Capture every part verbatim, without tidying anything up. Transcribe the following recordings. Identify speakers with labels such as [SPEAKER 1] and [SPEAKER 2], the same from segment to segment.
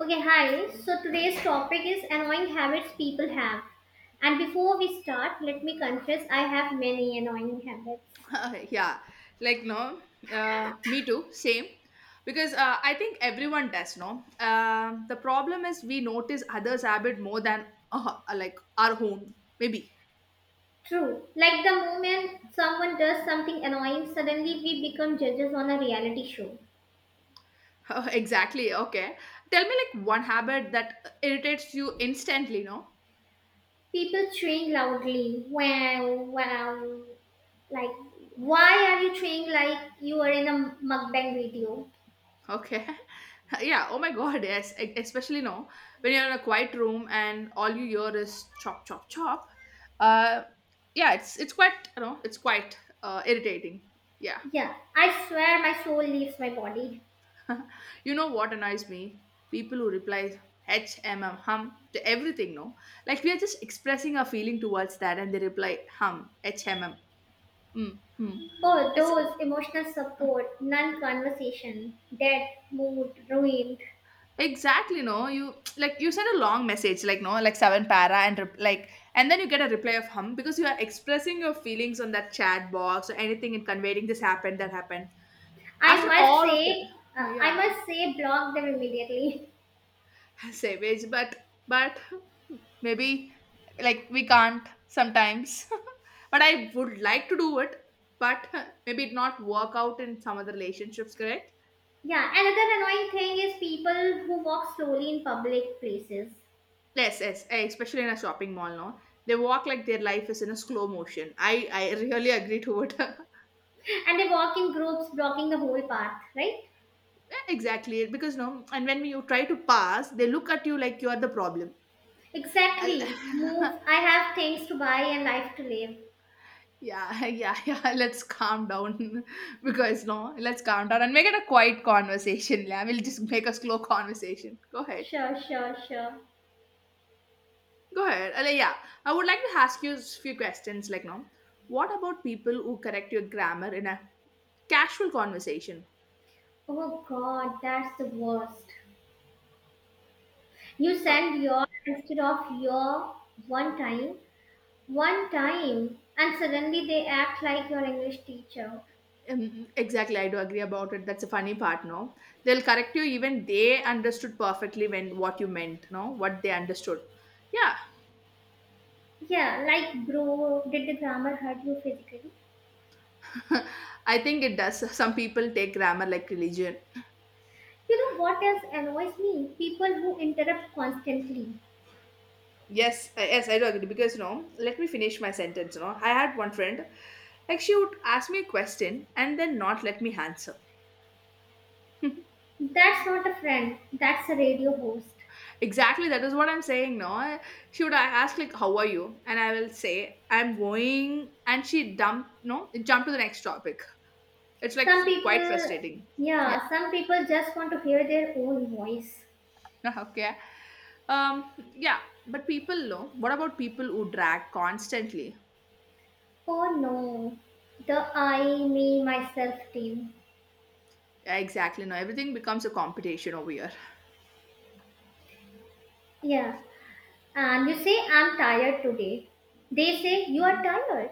[SPEAKER 1] Okay, hi. So today's topic is annoying habits people have. And before we start, let me confess I have many annoying habits.
[SPEAKER 2] Uh, yeah, like, no, uh, me too, same. Because uh, I think everyone does, no, um, the problem is we notice others habit more than, uh, like, our own maybe.
[SPEAKER 1] True. Like the moment someone does something annoying, suddenly we become judges on a reality show.
[SPEAKER 2] Uh, exactly. Okay, tell me, like, one habit that irritates you instantly, no?
[SPEAKER 1] People cheering loudly, wow, wow. Like, why are you cheering like you are in a mukbang video?
[SPEAKER 2] Okay. Yeah, oh my god, yes, e- especially, no, when you're in a quiet room and all you hear is chop chop chop. uh yeah, it's it's quite, you know it's quite uh, irritating, yeah.
[SPEAKER 1] Yeah, I swear my soul leaves my body.
[SPEAKER 2] You know what annoys me? People who reply HMM, hum to everything, no? Like, we are just expressing our feeling towards that and they reply hum, HMM, hmm, hmm.
[SPEAKER 1] Oh,
[SPEAKER 2] It's
[SPEAKER 1] those emotional support, non conversation, dead, mood, ruined.
[SPEAKER 2] exactly, no. You like you send a long message, like, no, like, seven para and rep- like, and then you get a reply of hum because you are expressing your feelings on that chat box or anything and conveying this happened, that happened.
[SPEAKER 1] I
[SPEAKER 2] After
[SPEAKER 1] must
[SPEAKER 2] all of that,
[SPEAKER 1] say, uh,
[SPEAKER 2] oh,
[SPEAKER 1] I
[SPEAKER 2] yeah,
[SPEAKER 1] must say, block them immediately.
[SPEAKER 2] savage, but but maybe, like, we can't sometimes. But I would like to do it. But maybe it not work out in some other relationships, correct?
[SPEAKER 1] Yeah, another annoying thing is people who walk slowly in public places,
[SPEAKER 2] Yes, yes, eh, especially in a shopping mall, no, they walk like their life is in a slow motion. I i really agree to it.
[SPEAKER 1] and they walk in groups, blocking the whole path, right?
[SPEAKER 2] Yeah, exactly, because, no, and when you try to pass they look at you like you are the problem.
[SPEAKER 1] Exactly. Move.
[SPEAKER 2] I'll-
[SPEAKER 1] I have things to buy and life to live.
[SPEAKER 2] Yeah. Yeah, yeah. Let's calm down. Because, no, let's calm down and make it a quiet conversation. Yeah, we'll just make a slow conversation. Go ahead,
[SPEAKER 1] Sure, sure, sure.
[SPEAKER 2] go ahead. Uh, yeah, I would like to ask you a few questions. Like, no, what about people who correct your grammar in a casual conversation?
[SPEAKER 1] Oh God, that's the worst. You
[SPEAKER 2] Oh,
[SPEAKER 1] send your instead of your one time. One time, and suddenly they act like your English teacher.
[SPEAKER 2] um, exactly. I do agree about it. That's a funny part. No, they'll correct you even they understood perfectly when what you meant. No, what they understood. Yeah.
[SPEAKER 1] Yeah, like, bro, did the grammar hurt you physically?
[SPEAKER 2] I think it does. Some people take grammar like religion.
[SPEAKER 1] You know what else annoys me? People who interrupt constantly.
[SPEAKER 2] Yes, I- yes, I do agree because, you know, let me finish my sentence. You know, I had one friend, like, she would ask me a question and then not let me answer.
[SPEAKER 1] That's not a friend, that's a radio host.
[SPEAKER 2] Exactly, that is what I'm saying. No, she would ask like, "How are you?" and I will say, "I'm going," and she dump, no, jump to the next topic. It's like
[SPEAKER 1] Some
[SPEAKER 2] quite
[SPEAKER 1] people,
[SPEAKER 2] frustrating. Yeah.
[SPEAKER 1] yeah, some people just want to hear their own voice.
[SPEAKER 2] Okay. Um. Yeah, but people know. What about people who drag constantly?
[SPEAKER 1] Oh no, the I, me, myself team.
[SPEAKER 2] Yeah, exactly. No, everything becomes a competition over here.
[SPEAKER 1] Yeah, and you say, I'm tired today. They say, you are tired.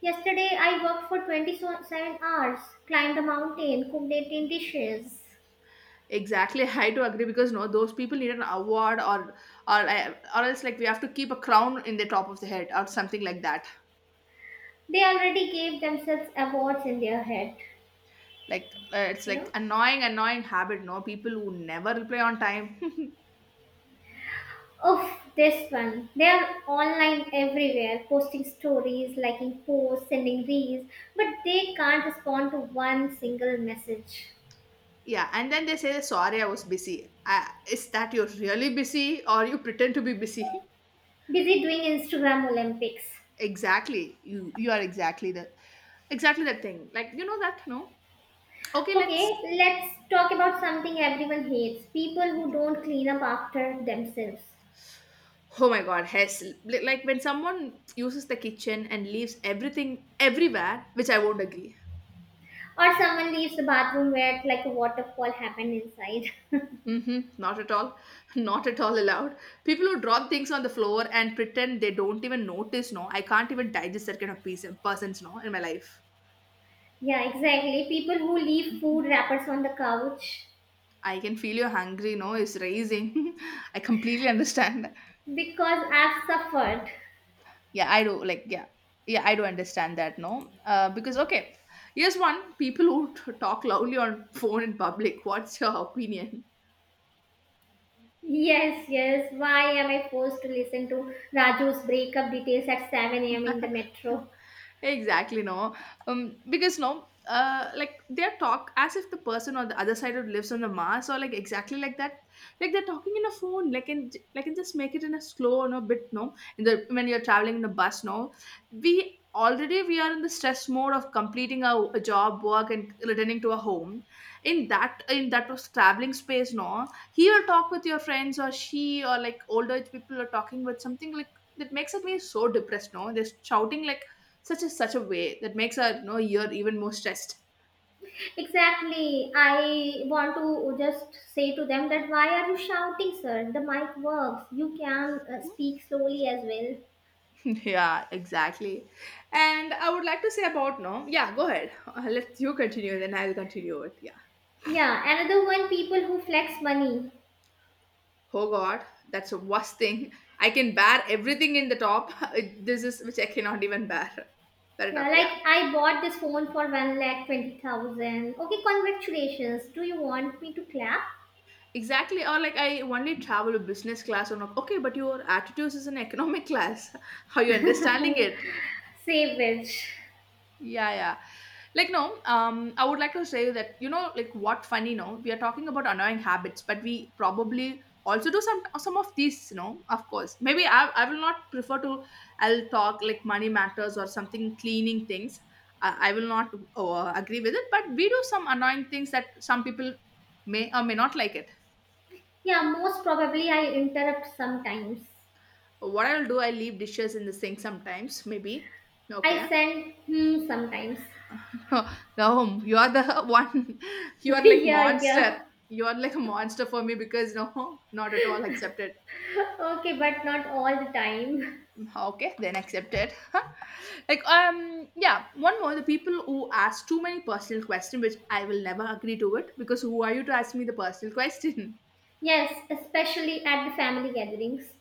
[SPEAKER 1] Yesterday, I worked for twenty-seven hours, climbed a mountain, cooked eighteen dishes.
[SPEAKER 2] Exactly. I do agree because, no, those people need an award, or or or else, like, we have to keep a crown in the top of the head or something like that.
[SPEAKER 1] They already gave themselves awards in their head,
[SPEAKER 2] Like, uh, it's
[SPEAKER 1] you
[SPEAKER 2] like
[SPEAKER 1] know.
[SPEAKER 2] annoying, annoying habit. No, people who never reply on time.
[SPEAKER 1] Oh, this one. They are online everywhere, posting stories, liking posts, sending reels, but they can't respond to one single message.
[SPEAKER 2] Yeah, and then they say sorry, I was busy. Uh, is that you're really busy or you pretend to be busy?
[SPEAKER 1] Busy doing Instagram Olympics.
[SPEAKER 2] Exactly, you you are exactly the exactly that thing. Like, you know that, no. Okay, let's
[SPEAKER 1] Okay, let's talk about something everyone hates, people who don't clean up after themselves.
[SPEAKER 2] Oh my god, yes. Li- Like when someone uses the kitchen and leaves everything everywhere, which I won't agree.
[SPEAKER 1] Or someone leaves the bathroom where like a waterfall happened inside.
[SPEAKER 2] Hmm. Not at all. Not at all allowed. People who drop things on the floor and pretend they don't even notice, no, I can't even digest that kind of piece, persons, no, in my life.
[SPEAKER 1] Yeah, exactly. People who leave food wrappers on the couch
[SPEAKER 2] I can feel you're hungry, no, is raising. I completely understand.
[SPEAKER 1] because I've suffered.
[SPEAKER 2] Yeah, I do. Like, yeah, yeah, I do understand that, no. Uh, because, okay, here's one, people who t- talk loudly on phone in public. What's your opinion?
[SPEAKER 1] Yes, yes. Why am I forced to listen to Raju's breakup details at seven a m in the metro?
[SPEAKER 2] Exactly, no. Um because, no, uh like, their talk as if the person on the other side of lives on the mars, or like exactly like that. Like they're talking in a phone, like, and, like, and just make it in a slow, no, bit, no, in the when you're traveling in a bus, no, we already, we are in the stress mode of completing our job work and returning to our home. In that in that was traveling space, no, he will talk with your friends, or she, or like older people are talking with something like that makes it me so depressed, no, they're shouting like such a such a way that makes our, no, know, ear even more stressed.
[SPEAKER 1] Exactly. I want to just say to them that why are you shouting, sir? The mic works. You can uh, speak slowly as well.
[SPEAKER 2] Yeah, exactly. And I would like to say about, no, yeah, go ahead, uh, let you continue then I'll continue it, yeah.
[SPEAKER 1] Yeah, another one, people who flex money.
[SPEAKER 2] Oh god, that's the worst thing. I can bear everything in the top. This is which I cannot even bear, bear it
[SPEAKER 1] Yeah,
[SPEAKER 2] up,
[SPEAKER 1] like
[SPEAKER 2] yeah.
[SPEAKER 1] I bought this phone for one lakh twenty thousand. Okay, congratulations. Do you want me to clap?
[SPEAKER 2] Exactly, or like I only travel a business class or not. Okay, but your attitudes is an economic class. How you understanding it?
[SPEAKER 1] Say which.
[SPEAKER 2] Yeah, yeah. Like, no, um, I would like to say that, you know, like, what funny, no, we are talking about annoying habits, but we probably also do some some of these, you know, of course. Maybe I, I will not prefer to, I'll talk like money matters or something cleaning things. I, I will not uh, agree with it, but we do some annoying things that some people may or may not like it.
[SPEAKER 1] Yeah, most probably I interrupt sometimes.
[SPEAKER 2] What I'll do, I leave dishes in the sink sometimes, maybe.
[SPEAKER 1] I
[SPEAKER 2] Okay.
[SPEAKER 1] send hmm sometimes.
[SPEAKER 2] No, you are the one. You are like
[SPEAKER 1] Yeah,
[SPEAKER 2] monster.
[SPEAKER 1] yeah.
[SPEAKER 2] You are like a monster for me because, no, not at all accepted.
[SPEAKER 1] Okay, but not all the time.
[SPEAKER 2] Okay, then accepted. Like, um, yeah. One more, the people who ask too many personal questions, which I will never agree to it because who are you to ask me the personal question?
[SPEAKER 1] Yes, especially at the family gatherings.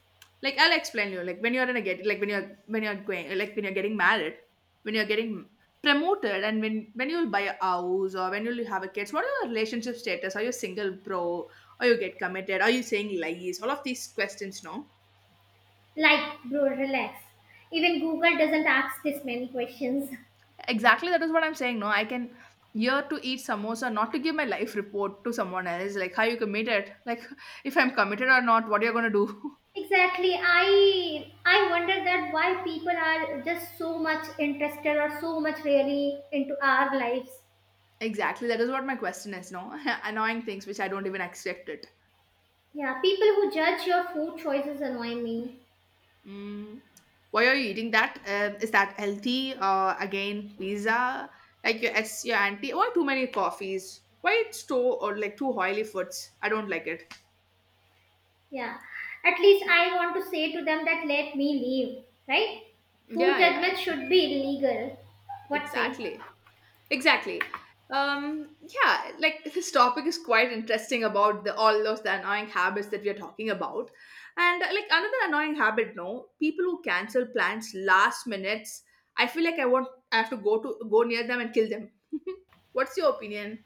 [SPEAKER 2] Like, I'll explain you, like, when you're in a get like when you're when you're going, like, when you're getting married, when you're getting promoted, and when when you'll buy a house, or when you'll have a kids, what are your relationship status, are you single, bro, or you get committed, are you saying lies, all of these questions, no,
[SPEAKER 1] Like, bro, relax. Even Google doesn't ask this many questions.
[SPEAKER 2] exactly, that is what I'm saying, no, I can year to eat samosa, not to give my life report to someone else, like, how you committed, like, if I'm committed or not, what you're going to do?
[SPEAKER 1] Exactly. I I wonder that why people are just so much interested or so much really into our lives.
[SPEAKER 2] Exactly, that is what my question is, no. Annoying things which I don't even accept it.
[SPEAKER 1] Yeah, people who judge your food choices annoy me.
[SPEAKER 2] Mm. Why are you eating that? Um, is that healthy? Uh, again, pizza. Like your ex, your auntie. Why too many coffees? Why it's too or like too oily foods? I don't like it.
[SPEAKER 1] Yeah. At least I want to say to them that let me leave, right? Food
[SPEAKER 2] Yeah, yeah,
[SPEAKER 1] judgment should be illegal. What say?
[SPEAKER 2] exactly. Exactly. Um, yeah, like, this topic is quite interesting about the all those the annoying habits that we are talking about. And uh, like, another annoying habit, no, people who cancel plans last minutes. I feel like I want I have to go to go near them and kill them. What's your opinion?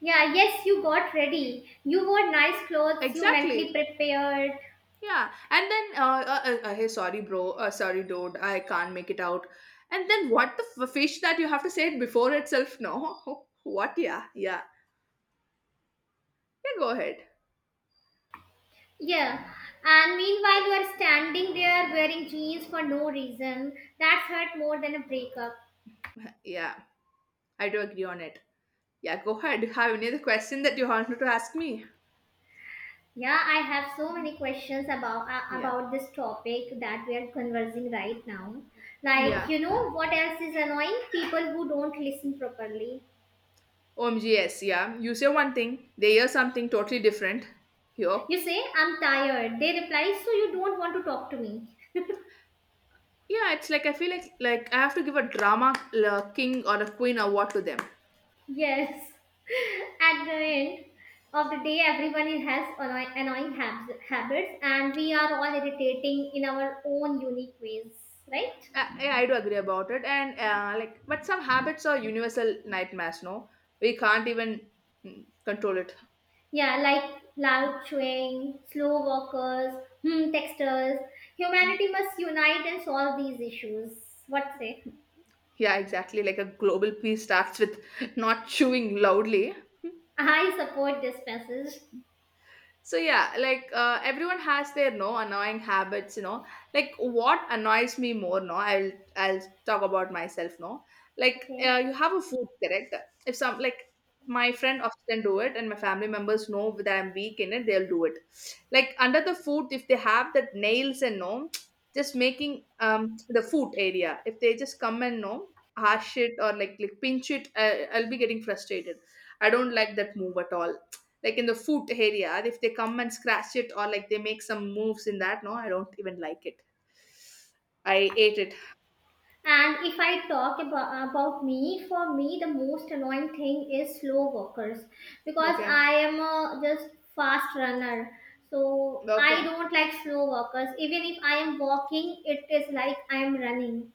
[SPEAKER 1] Yeah, yes, you got ready. You wore nice clothes, you
[SPEAKER 2] Exactly.
[SPEAKER 1] mentally prepared.
[SPEAKER 2] Yeah. And then, uh, uh, uh, uh, hey, sorry, bro. Uh, sorry, dude. I can't make it out. And then, what the f- fish that you have to say it before itself? No. What? Yeah. Yeah. Yeah. Go ahead.
[SPEAKER 1] Yeah, and meanwhile, you are standing there wearing jeans for no reason. That's hurt more than a breakup.
[SPEAKER 2] Yeah. I do agree on it. Yeah. Go ahead. Have any other question that you wanted to ask me?
[SPEAKER 1] Yeah, I have so many questions about uh,
[SPEAKER 2] Yeah.
[SPEAKER 1] about this topic that we are conversing right now. Like,
[SPEAKER 2] Yeah.
[SPEAKER 1] you know, what else is annoying? People who don't listen properly.
[SPEAKER 2] oh my god, yes. Yeah. You say one thing, they hear something totally different. Here.
[SPEAKER 1] You say, "I'm tired." They reply, "So you don't want to talk to me?"
[SPEAKER 2] Yeah. It's like I feel like like I have to give a drama uh, king or a queen award to them.
[SPEAKER 1] Yes, at the end of the day, everyone is- has annoy- annoying hab- habits, and we are all irritating in our own unique ways, right?
[SPEAKER 2] Uh, yeah, I do agree about it, and uh, like, but some habits are universal nightmares. No, we can't even mm, control it.
[SPEAKER 1] Yeah, like loud chewing, slow walkers, hmm, texters. Humanity must unite and solve these issues. What say?
[SPEAKER 2] Yeah, exactly. Like a global peace starts with not chewing loudly.
[SPEAKER 1] I support this message.
[SPEAKER 2] So yeah, like, uh, everyone has their no annoying habits, you know. Like what annoys me more, no, i'll i'll talk about myself, no. Like,
[SPEAKER 1] Okay.
[SPEAKER 2] uh, you have a food, correct? If some, like, my friend often do it, and my family members know that I'm weak in it, they'll do it. Like under the food, if they have that nails, and no, just making um the food area, if they just come and no, harsh it or like like pinch it, uh, I'll be getting frustrated. I don't like that move at all. Like in the foot area, if they come and scratch it, or like they make some moves in that, no, I don't even like it. I ate it.
[SPEAKER 1] And if I talk about, about me, for me, the most annoying thing is slow walkers because
[SPEAKER 2] Okay,
[SPEAKER 1] I am a just fast runner. So I
[SPEAKER 2] okay,
[SPEAKER 1] don't like slow walkers. Even if I am walking, it is like I am running.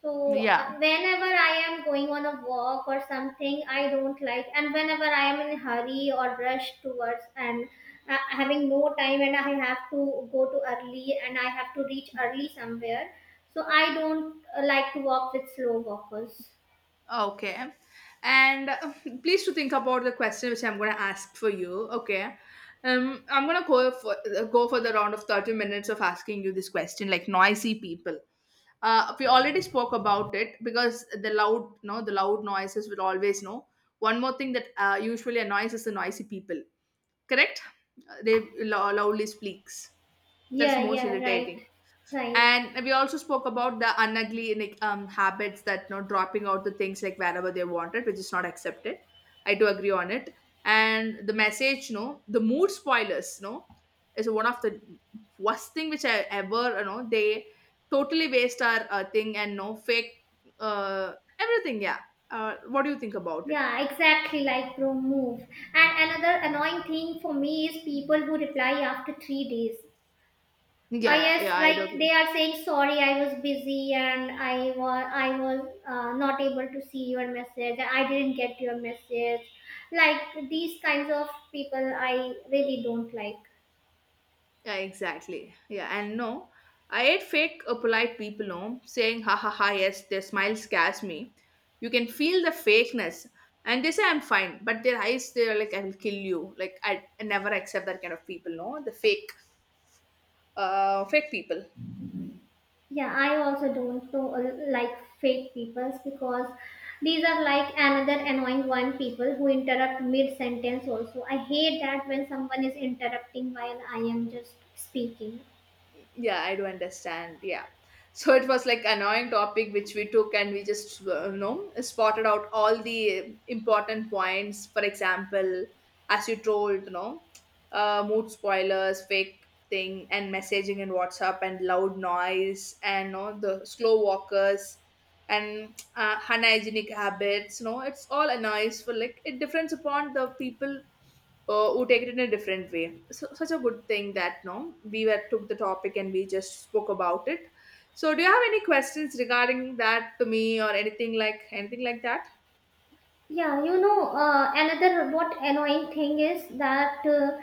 [SPEAKER 1] So
[SPEAKER 2] yeah,
[SPEAKER 1] uh, whenever I am going on a walk or something, I don't like. And whenever I am in a hurry or rush towards and uh, having no time, and I have to go to early and I have to reach early somewhere, so I don't uh, like to walk with slow walkers.
[SPEAKER 2] okay. And uh, please to think about the question which I'm going to ask for you. Okay. um I'm going to go for uh, go for the round of thirty minutes of asking you this question, like noisy people. Uh, we already spoke about it because the loud, no, the loud noises will always know. One more thing that uh, usually annoys is the noisy people, correct? Uh, they lo- loudly speaks. That's
[SPEAKER 1] Yeah,
[SPEAKER 2] most
[SPEAKER 1] yeah, right,
[SPEAKER 2] irritating.
[SPEAKER 1] right.
[SPEAKER 2] And we also spoke about the unugly, like, um, habits, that, you know, dropping out the things like wherever they want it, which is not accepted. I do agree on it. And the message, you know, the mood spoilers, you know, is one of the worst thing which I ever, you know, they totally waste our uh, thing and no fake, uh, everything, yeah. Uh, what do you think about it?
[SPEAKER 1] Yeah, exactly, like bro move. And another annoying thing for me is people who reply after three days.
[SPEAKER 2] Yeah,
[SPEAKER 1] Oh
[SPEAKER 2] yeah, yeah,
[SPEAKER 1] yes,
[SPEAKER 2] I do
[SPEAKER 1] like they
[SPEAKER 2] agree.
[SPEAKER 1] are saying sorry, I was busy and I was I was uh, not able to see your message. I didn't get your message. Like these kinds of people, I really don't like.
[SPEAKER 2] Yeah, exactly. Yeah, and no, I hate fake uh, polite people, no, saying ha ha ha, yes, their smile scares me. You can feel the fakeness. And they say I'm fine, but their eyes, they're like, I will kill you. Like, I, I never accept that kind of people, no? The fake, uh, fake people.
[SPEAKER 1] Yeah, I also don't know, uh, like fake peoples because these are like another annoying one, people who interrupt mid sentence. Also, I hate that when someone is interrupting while I am just speaking.
[SPEAKER 2] Yeah, I do understand, yeah. So it was like annoying topic which we took, and we just, uh, you know, spotted out all the important points. For example, as you told, you know, uh, mood spoilers, fake thing, and messaging in WhatsApp, and loud noise, and, you know, the slow walkers, and uh, unhygienic habits, you know. It's all a noise for, like, it depends upon the people uh, who take it in a different way. So, such a good thing that no, we were took the topic and we just spoke about it. So, do you have any questions regarding that to me, or anything, like, anything like that?
[SPEAKER 1] Yeah, you know, uh, another what annoying thing is that uh,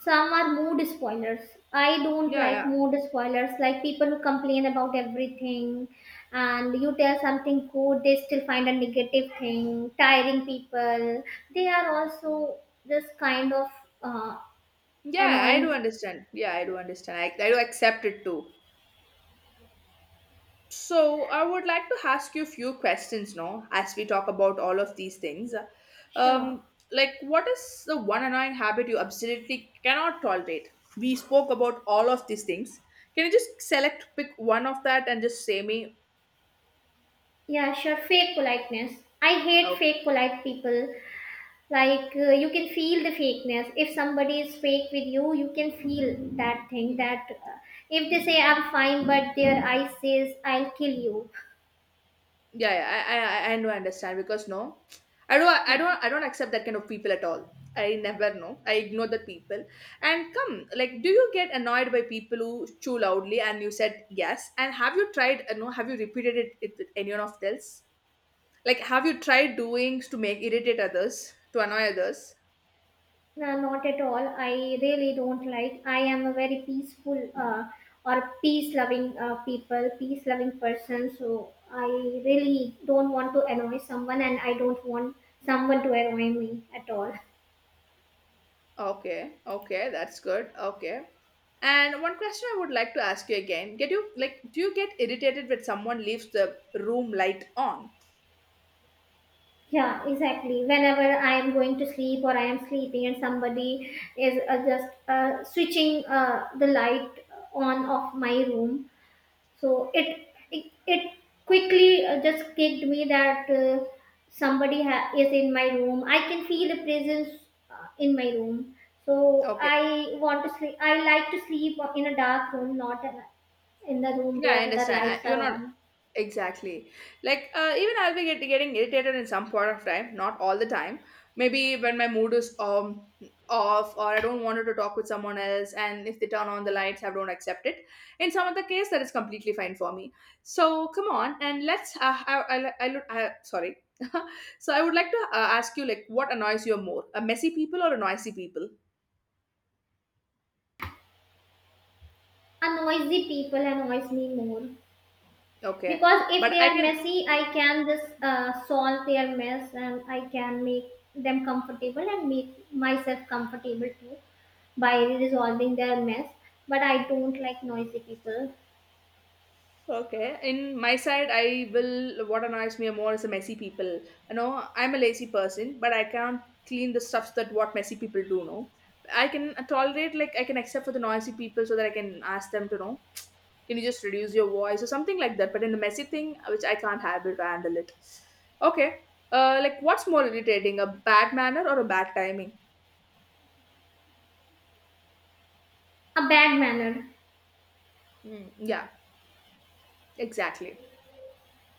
[SPEAKER 1] some are mood spoilers. I don't
[SPEAKER 2] Yeah,
[SPEAKER 1] like
[SPEAKER 2] yeah,
[SPEAKER 1] mood spoilers, like people who complain about everything, and you tell something good, they still find a negative thing, tiring people. They are also this kind of uh,
[SPEAKER 2] yeah. I do
[SPEAKER 1] annoying.
[SPEAKER 2] understand. Yeah, I do understand. I, I do accept it too. So, I would like to ask you a few questions now as we talk about all of these things.
[SPEAKER 1] Sure.
[SPEAKER 2] Um, like, what is the one annoying habit you absolutely cannot tolerate? We spoke about all of these things. Can you just select, pick one of that, and just say me?
[SPEAKER 1] Yeah, sure. Fake politeness. I hate fake polite people like, uh, you can feel the fakeness. If somebody is fake with you, you can feel that thing, that uh, if they say I'm fine but their eye says I'll kill you.
[SPEAKER 2] Yeah, yeah, I, I I I know, I understand, because no, I don't I
[SPEAKER 1] Yeah
[SPEAKER 2] don't I don't accept that kind of people at all. I never know. I ignore the people. And come, like, do you get annoyed by people who chew loudly? And you said yes. And have you tried? uh, No, have you repeated it, it with anyone of else? Like, have you tried doing to make irritate others, to annoy others?
[SPEAKER 1] no, not at all. I really don't like. I am a very peaceful, uh, or peace loving uh, people, peace loving person, so I really don't want to annoy someone and I don't want someone to annoy me at all.
[SPEAKER 2] Okay, okay, that's good. Okay. And one question I would like to ask you again: get you like, do you get irritated when someone leaves the room light on?
[SPEAKER 1] Yeah, exactly. Whenever I am going to sleep or I am sleeping and somebody is uh, just uh, switching uh, the light on off my room, so it it, it quickly uh, just kicked me that uh, somebody ha- is in my room. I can feel the presence uh, in my room. So
[SPEAKER 2] Okay.
[SPEAKER 1] I want to sleep. I like to sleep in a dark room, not in a- in the room
[SPEAKER 2] Yeah,
[SPEAKER 1] where
[SPEAKER 2] I
[SPEAKER 1] the
[SPEAKER 2] understand. I,
[SPEAKER 1] lights
[SPEAKER 2] you're
[SPEAKER 1] are
[SPEAKER 2] not
[SPEAKER 1] on.
[SPEAKER 2] exactly, like, uh, even I'll be get, getting irritated in some point of time, not all the time. Maybe when my mood is um off, or I don't want to talk with someone else, and if they turn on the lights, I don't accept it. In some other case, that is completely fine for me. So come on, and let's. Uh, I, I, I, look- I sorry. So I would like to uh, ask you, like, what annoys you more, a messy people or a noisy people?
[SPEAKER 1] A noisy people annoys me more,
[SPEAKER 2] Okay,
[SPEAKER 1] because if
[SPEAKER 2] but
[SPEAKER 1] they
[SPEAKER 2] I
[SPEAKER 1] are
[SPEAKER 2] can.
[SPEAKER 1] messy I can just uh, solve their mess and I can make them comfortable and make myself comfortable too by resolving their mess. But I don't like noisy people.
[SPEAKER 2] Okay, in my side, I will. What annoys me more is the messy people. You know, I'm a lazy person, but I can't clean the stuffs that what messy people do. No, I can tolerate, like, I can accept for the noisy people, so that I can ask them to know. Can you just reduce your voice or something like that? But in the messy thing, which I can't handle, handle it. Okay, uh, like, what's more irritating, a bad manner or a bad timing?
[SPEAKER 1] A bad manner.
[SPEAKER 2] Mm, yeah, exactly.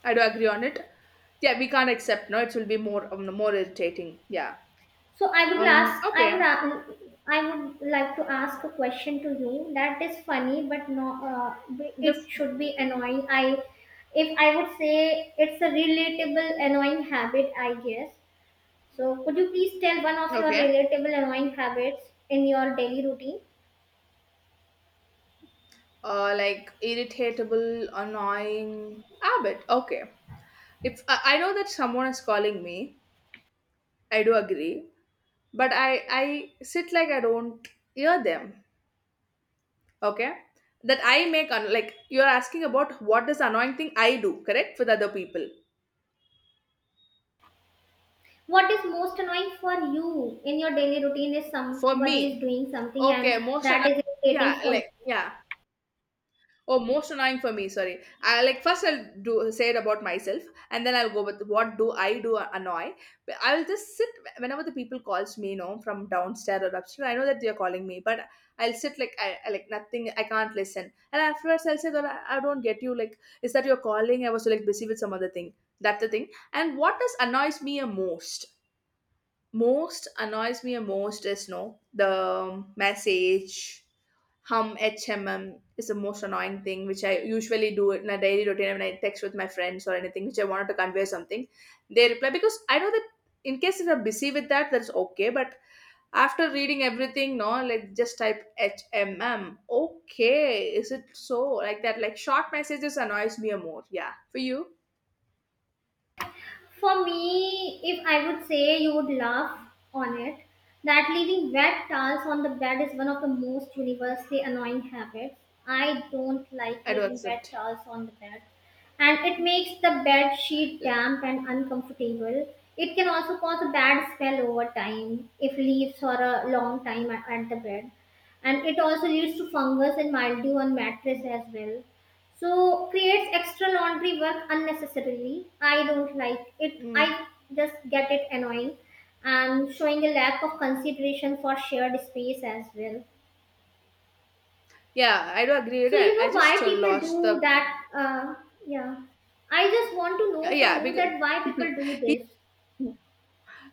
[SPEAKER 2] I do agree on it. Yeah, we can't accept. No, it will be more um, more irritating. Yeah.
[SPEAKER 1] So i would
[SPEAKER 2] Um.
[SPEAKER 1] ask i would
[SPEAKER 2] Okay.
[SPEAKER 1] a- I would like to ask a question to you that is funny, but no, uh, it
[SPEAKER 2] Def-
[SPEAKER 1] should be annoying I if I would say, it's a relatable annoying habit, I guess. So, could you please tell one of your
[SPEAKER 2] okay.
[SPEAKER 1] relatable annoying habits in your daily routine?
[SPEAKER 2] Uh, like, irritatable, annoying habit. Okay. If I, I know that someone is calling me, I do agree. But I I sit like I don't hear them. Okay. That I make un- like you're asking about what is annoying thing I do, correct? With other people.
[SPEAKER 1] What is most annoying for you in your daily routine is
[SPEAKER 2] For
[SPEAKER 1] somebody is
[SPEAKER 2] me,
[SPEAKER 1] doing something and
[SPEAKER 2] okay, most
[SPEAKER 1] that
[SPEAKER 2] annoying.
[SPEAKER 1] is
[SPEAKER 2] Yeah,
[SPEAKER 1] irritating for you.
[SPEAKER 2] like yeah. Oh, most annoying for me. Sorry. I like first, I'll do say it about myself, and then I'll go with what do I do annoy. But I'll just sit whenever the people calls me, you know, from downstairs or upstairs. I know that they're calling me, but I'll sit like I, I like nothing. I can't listen. And afterwards, I'll say that I, I don't get you. Like, is that you're calling? I was like busy with some other thing. That's the thing. And what does annoys me a most? Most annoys me most is no the message, hum, H M M is the most annoying thing which I usually do it in a daily routine when I text with my friends or anything which I wanted to convey something. They reply because I know that in case if you're busy with that, that's okay. But after reading everything, no, like, just type H M M. Okay, is it so, like that? Like, short messages annoys me more. Yeah, for you,
[SPEAKER 1] For me, if I would say, you would laugh on it, that leaving wet towels on the bed is one of the most universally annoying habits. I don't like
[SPEAKER 2] I do
[SPEAKER 1] leaving wet
[SPEAKER 2] accept.
[SPEAKER 1] towels on the bed, and it makes the bed sheet damp and uncomfortable. It can also cause a bad smell over time if leaves for a long time at at the bed, and it also leads to fungus and mildew on mattress as well. So creates extra laundry work unnecessarily. I don't like it.
[SPEAKER 2] Mm.
[SPEAKER 1] I just get it annoying, and showing a lack of consideration for shared space as well.
[SPEAKER 2] Yeah, I do agree with
[SPEAKER 1] So you
[SPEAKER 2] that. I
[SPEAKER 1] know why
[SPEAKER 2] just uh,
[SPEAKER 1] people
[SPEAKER 2] lost
[SPEAKER 1] do
[SPEAKER 2] the.
[SPEAKER 1] that? Uh, yeah, I just want to
[SPEAKER 2] Yeah,
[SPEAKER 1] know from
[SPEAKER 2] yeah,
[SPEAKER 1] you
[SPEAKER 2] because
[SPEAKER 1] that why people do
[SPEAKER 2] he-
[SPEAKER 1] this.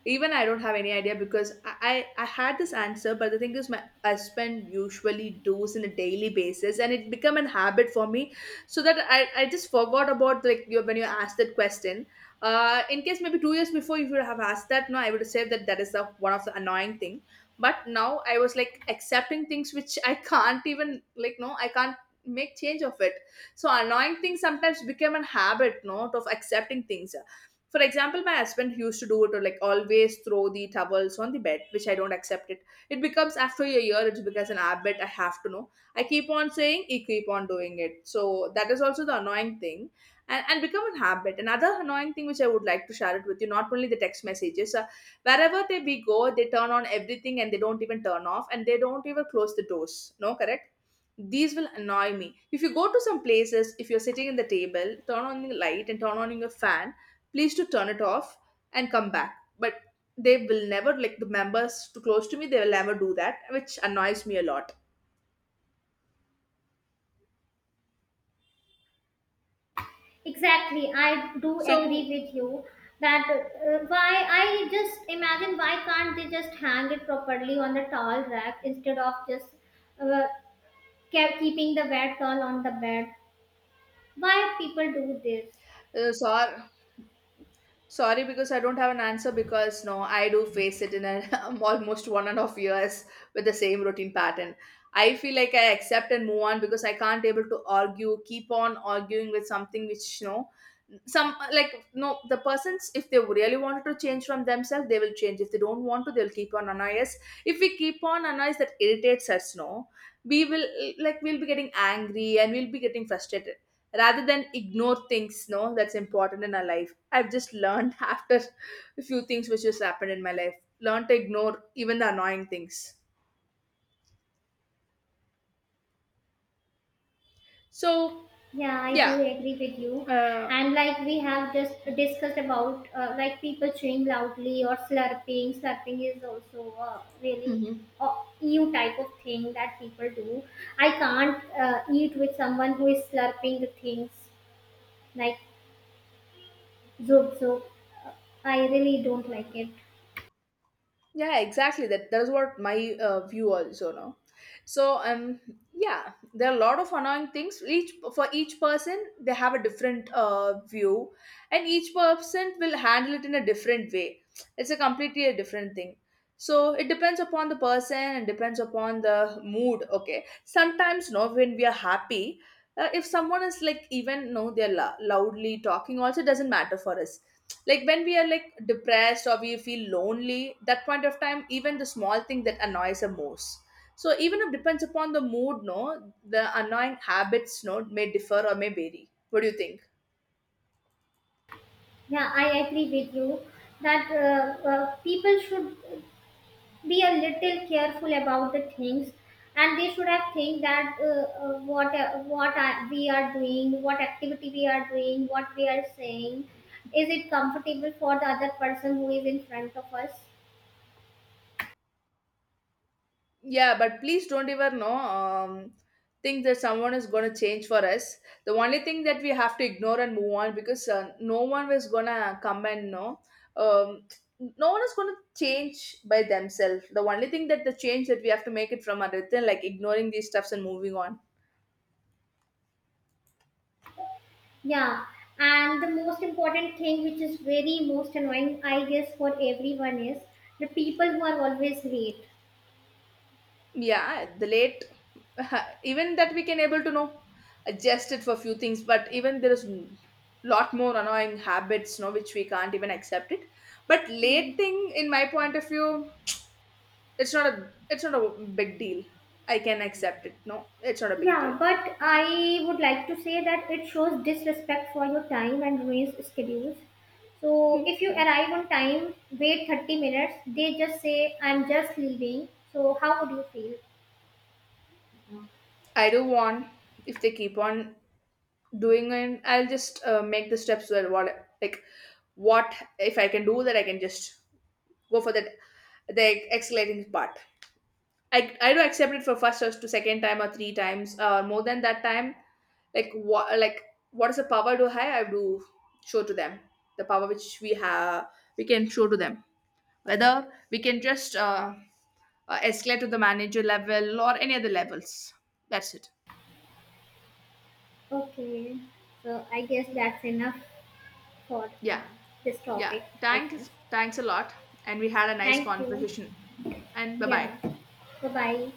[SPEAKER 2] even I don't have any idea, because I, I I had this answer, but the thing is, my husband usually does in a daily basis, and it become an habit for me, so that I, I just forgot about, like, you when you asked that question. Uh, in case maybe two years before if you have asked that, no, I would say that that is the one of the annoying thing. But now I was like accepting things which I can't even, like, no, I can't make change of it. So annoying things sometimes become an habit, not of accepting things. For example, my husband used to do it, or like, always throw the towels on the bed, which I don't accept it. It becomes after a year, it becomes an habit. I have to know, I keep on saying, he keep on doing it. So that is also the annoying thing. And, and become a habit. Another annoying thing which I would like to share it with you, not only the text messages, uh, wherever they we go, they turn on everything, and they don't even turn off, and they don't even close the doors, no, correct? These will annoy me. If you go to some places, if you're sitting in the table, turn on the light and turn on your fan, please to turn it off and come back. But they will never, like, the members too close to me, they will never do that, which annoys me a lot.
[SPEAKER 1] Exactly, I do agree
[SPEAKER 2] So,
[SPEAKER 1] with you that uh, why, I just imagine why can't they just hang it properly on the towel rack instead of just uh, kept keeping the wet girl on the bed. Why people do this?
[SPEAKER 2] uh, sorry. Sorry, because I don't have an answer, because no, I do face it in a, almost one and a half years with the same routine pattern. I feel like I accept and move on, because I can't able to argue, keep on arguing with something which, you know, some, uh, like, no, the persons, if they really wanted to change from themselves, they will change. If they don't want to, they'll keep on annoy us. If we keep on annoy us, that irritates us, no. We will, like, we'll be getting angry and we'll be getting frustrated rather than ignore things, no. That's important in our life. I've just learned after a few things which has happened in my life, learned to ignore even the annoying things. So,
[SPEAKER 1] Yeah, I do
[SPEAKER 2] yeah.
[SPEAKER 1] agree with you.
[SPEAKER 2] Uh,
[SPEAKER 1] And like we have just discussed about, uh, like people chewing loudly or slurping. Slurping is also a really
[SPEAKER 2] mhm.
[SPEAKER 1] uh, new type of thing that people do. I can't uh, eat with someone who is slurping the things like zoop zoop. I really don't like it.
[SPEAKER 2] Yeah, exactly, that that's what my uh, view also, no. So, um yeah, there are a lot of annoying things. Each for each person, they have a different uh, view, and each person will handle it in a different way. It's a completely a different thing. So it depends upon the person and depends upon the mood. Okay, sometimes no, when we are happy, uh, if someone is like, even no, they're lou- loudly talking also, doesn't matter for us. Like when we are like depressed or we feel lonely, that point of time even the small thing that annoys us most. So even if depends upon the mood, no, the annoying habits, no, may differ or may vary. What do you think?
[SPEAKER 1] Yeah, I agree with you that uh, uh, people should be a little careful about the things, and they should have think that, uh, uh, what uh, what are, we are doing, what activity we are doing, what we are saying, is it comfortable for the other person who is in front of us.
[SPEAKER 2] Yeah, but please don't ever know, um, think that someone is going to change for us. The only thing that we have to ignore and move on, because uh, no one is going to come and know. Um, no one is going to change by themselves. The only thing that the change that we have to make it from other than like ignoring these stuffs and moving on.
[SPEAKER 1] Yeah, and the most important thing which is very most annoying, I guess, for everyone is the people who are always late.
[SPEAKER 2] Yeah, the late, even that we can able to know, adjust it for few things, but even there is n- lot more annoying habits, no, which we can't even accept it. But late thing, in my point of view, it's not a it's not a big deal. I can accept it. No, it's not a big
[SPEAKER 1] Yeah,
[SPEAKER 2] deal.
[SPEAKER 1] but I would like to say that it shows disrespect for your time and ruins schedules. So if you
[SPEAKER 2] Yeah,
[SPEAKER 1] arrive on time, wait thirty minutes, they just say, I'm just leaving. So how would you feel?
[SPEAKER 2] I do want. If they keep on doing it, I'll just uh, make the steps well. What, like, what if I can do that? I can just go for that the escalating part. I I do accept it for first or to second time or three times or more than that time. Like, what, like, what is the power do I I do show to them? The power which we have, we can show to them, whether we can just uh, uh, escalate to the manager level or any other levels. That's it.
[SPEAKER 1] Okay, so I guess that's enough for uh,
[SPEAKER 2] Yeah,
[SPEAKER 1] this
[SPEAKER 2] yeah.
[SPEAKER 1] topic, I guess.
[SPEAKER 2] Thanks thanks a lot, and we had a nice
[SPEAKER 1] Thank you.
[SPEAKER 2] conversation, and bye bye.
[SPEAKER 1] Yeah, bye bye.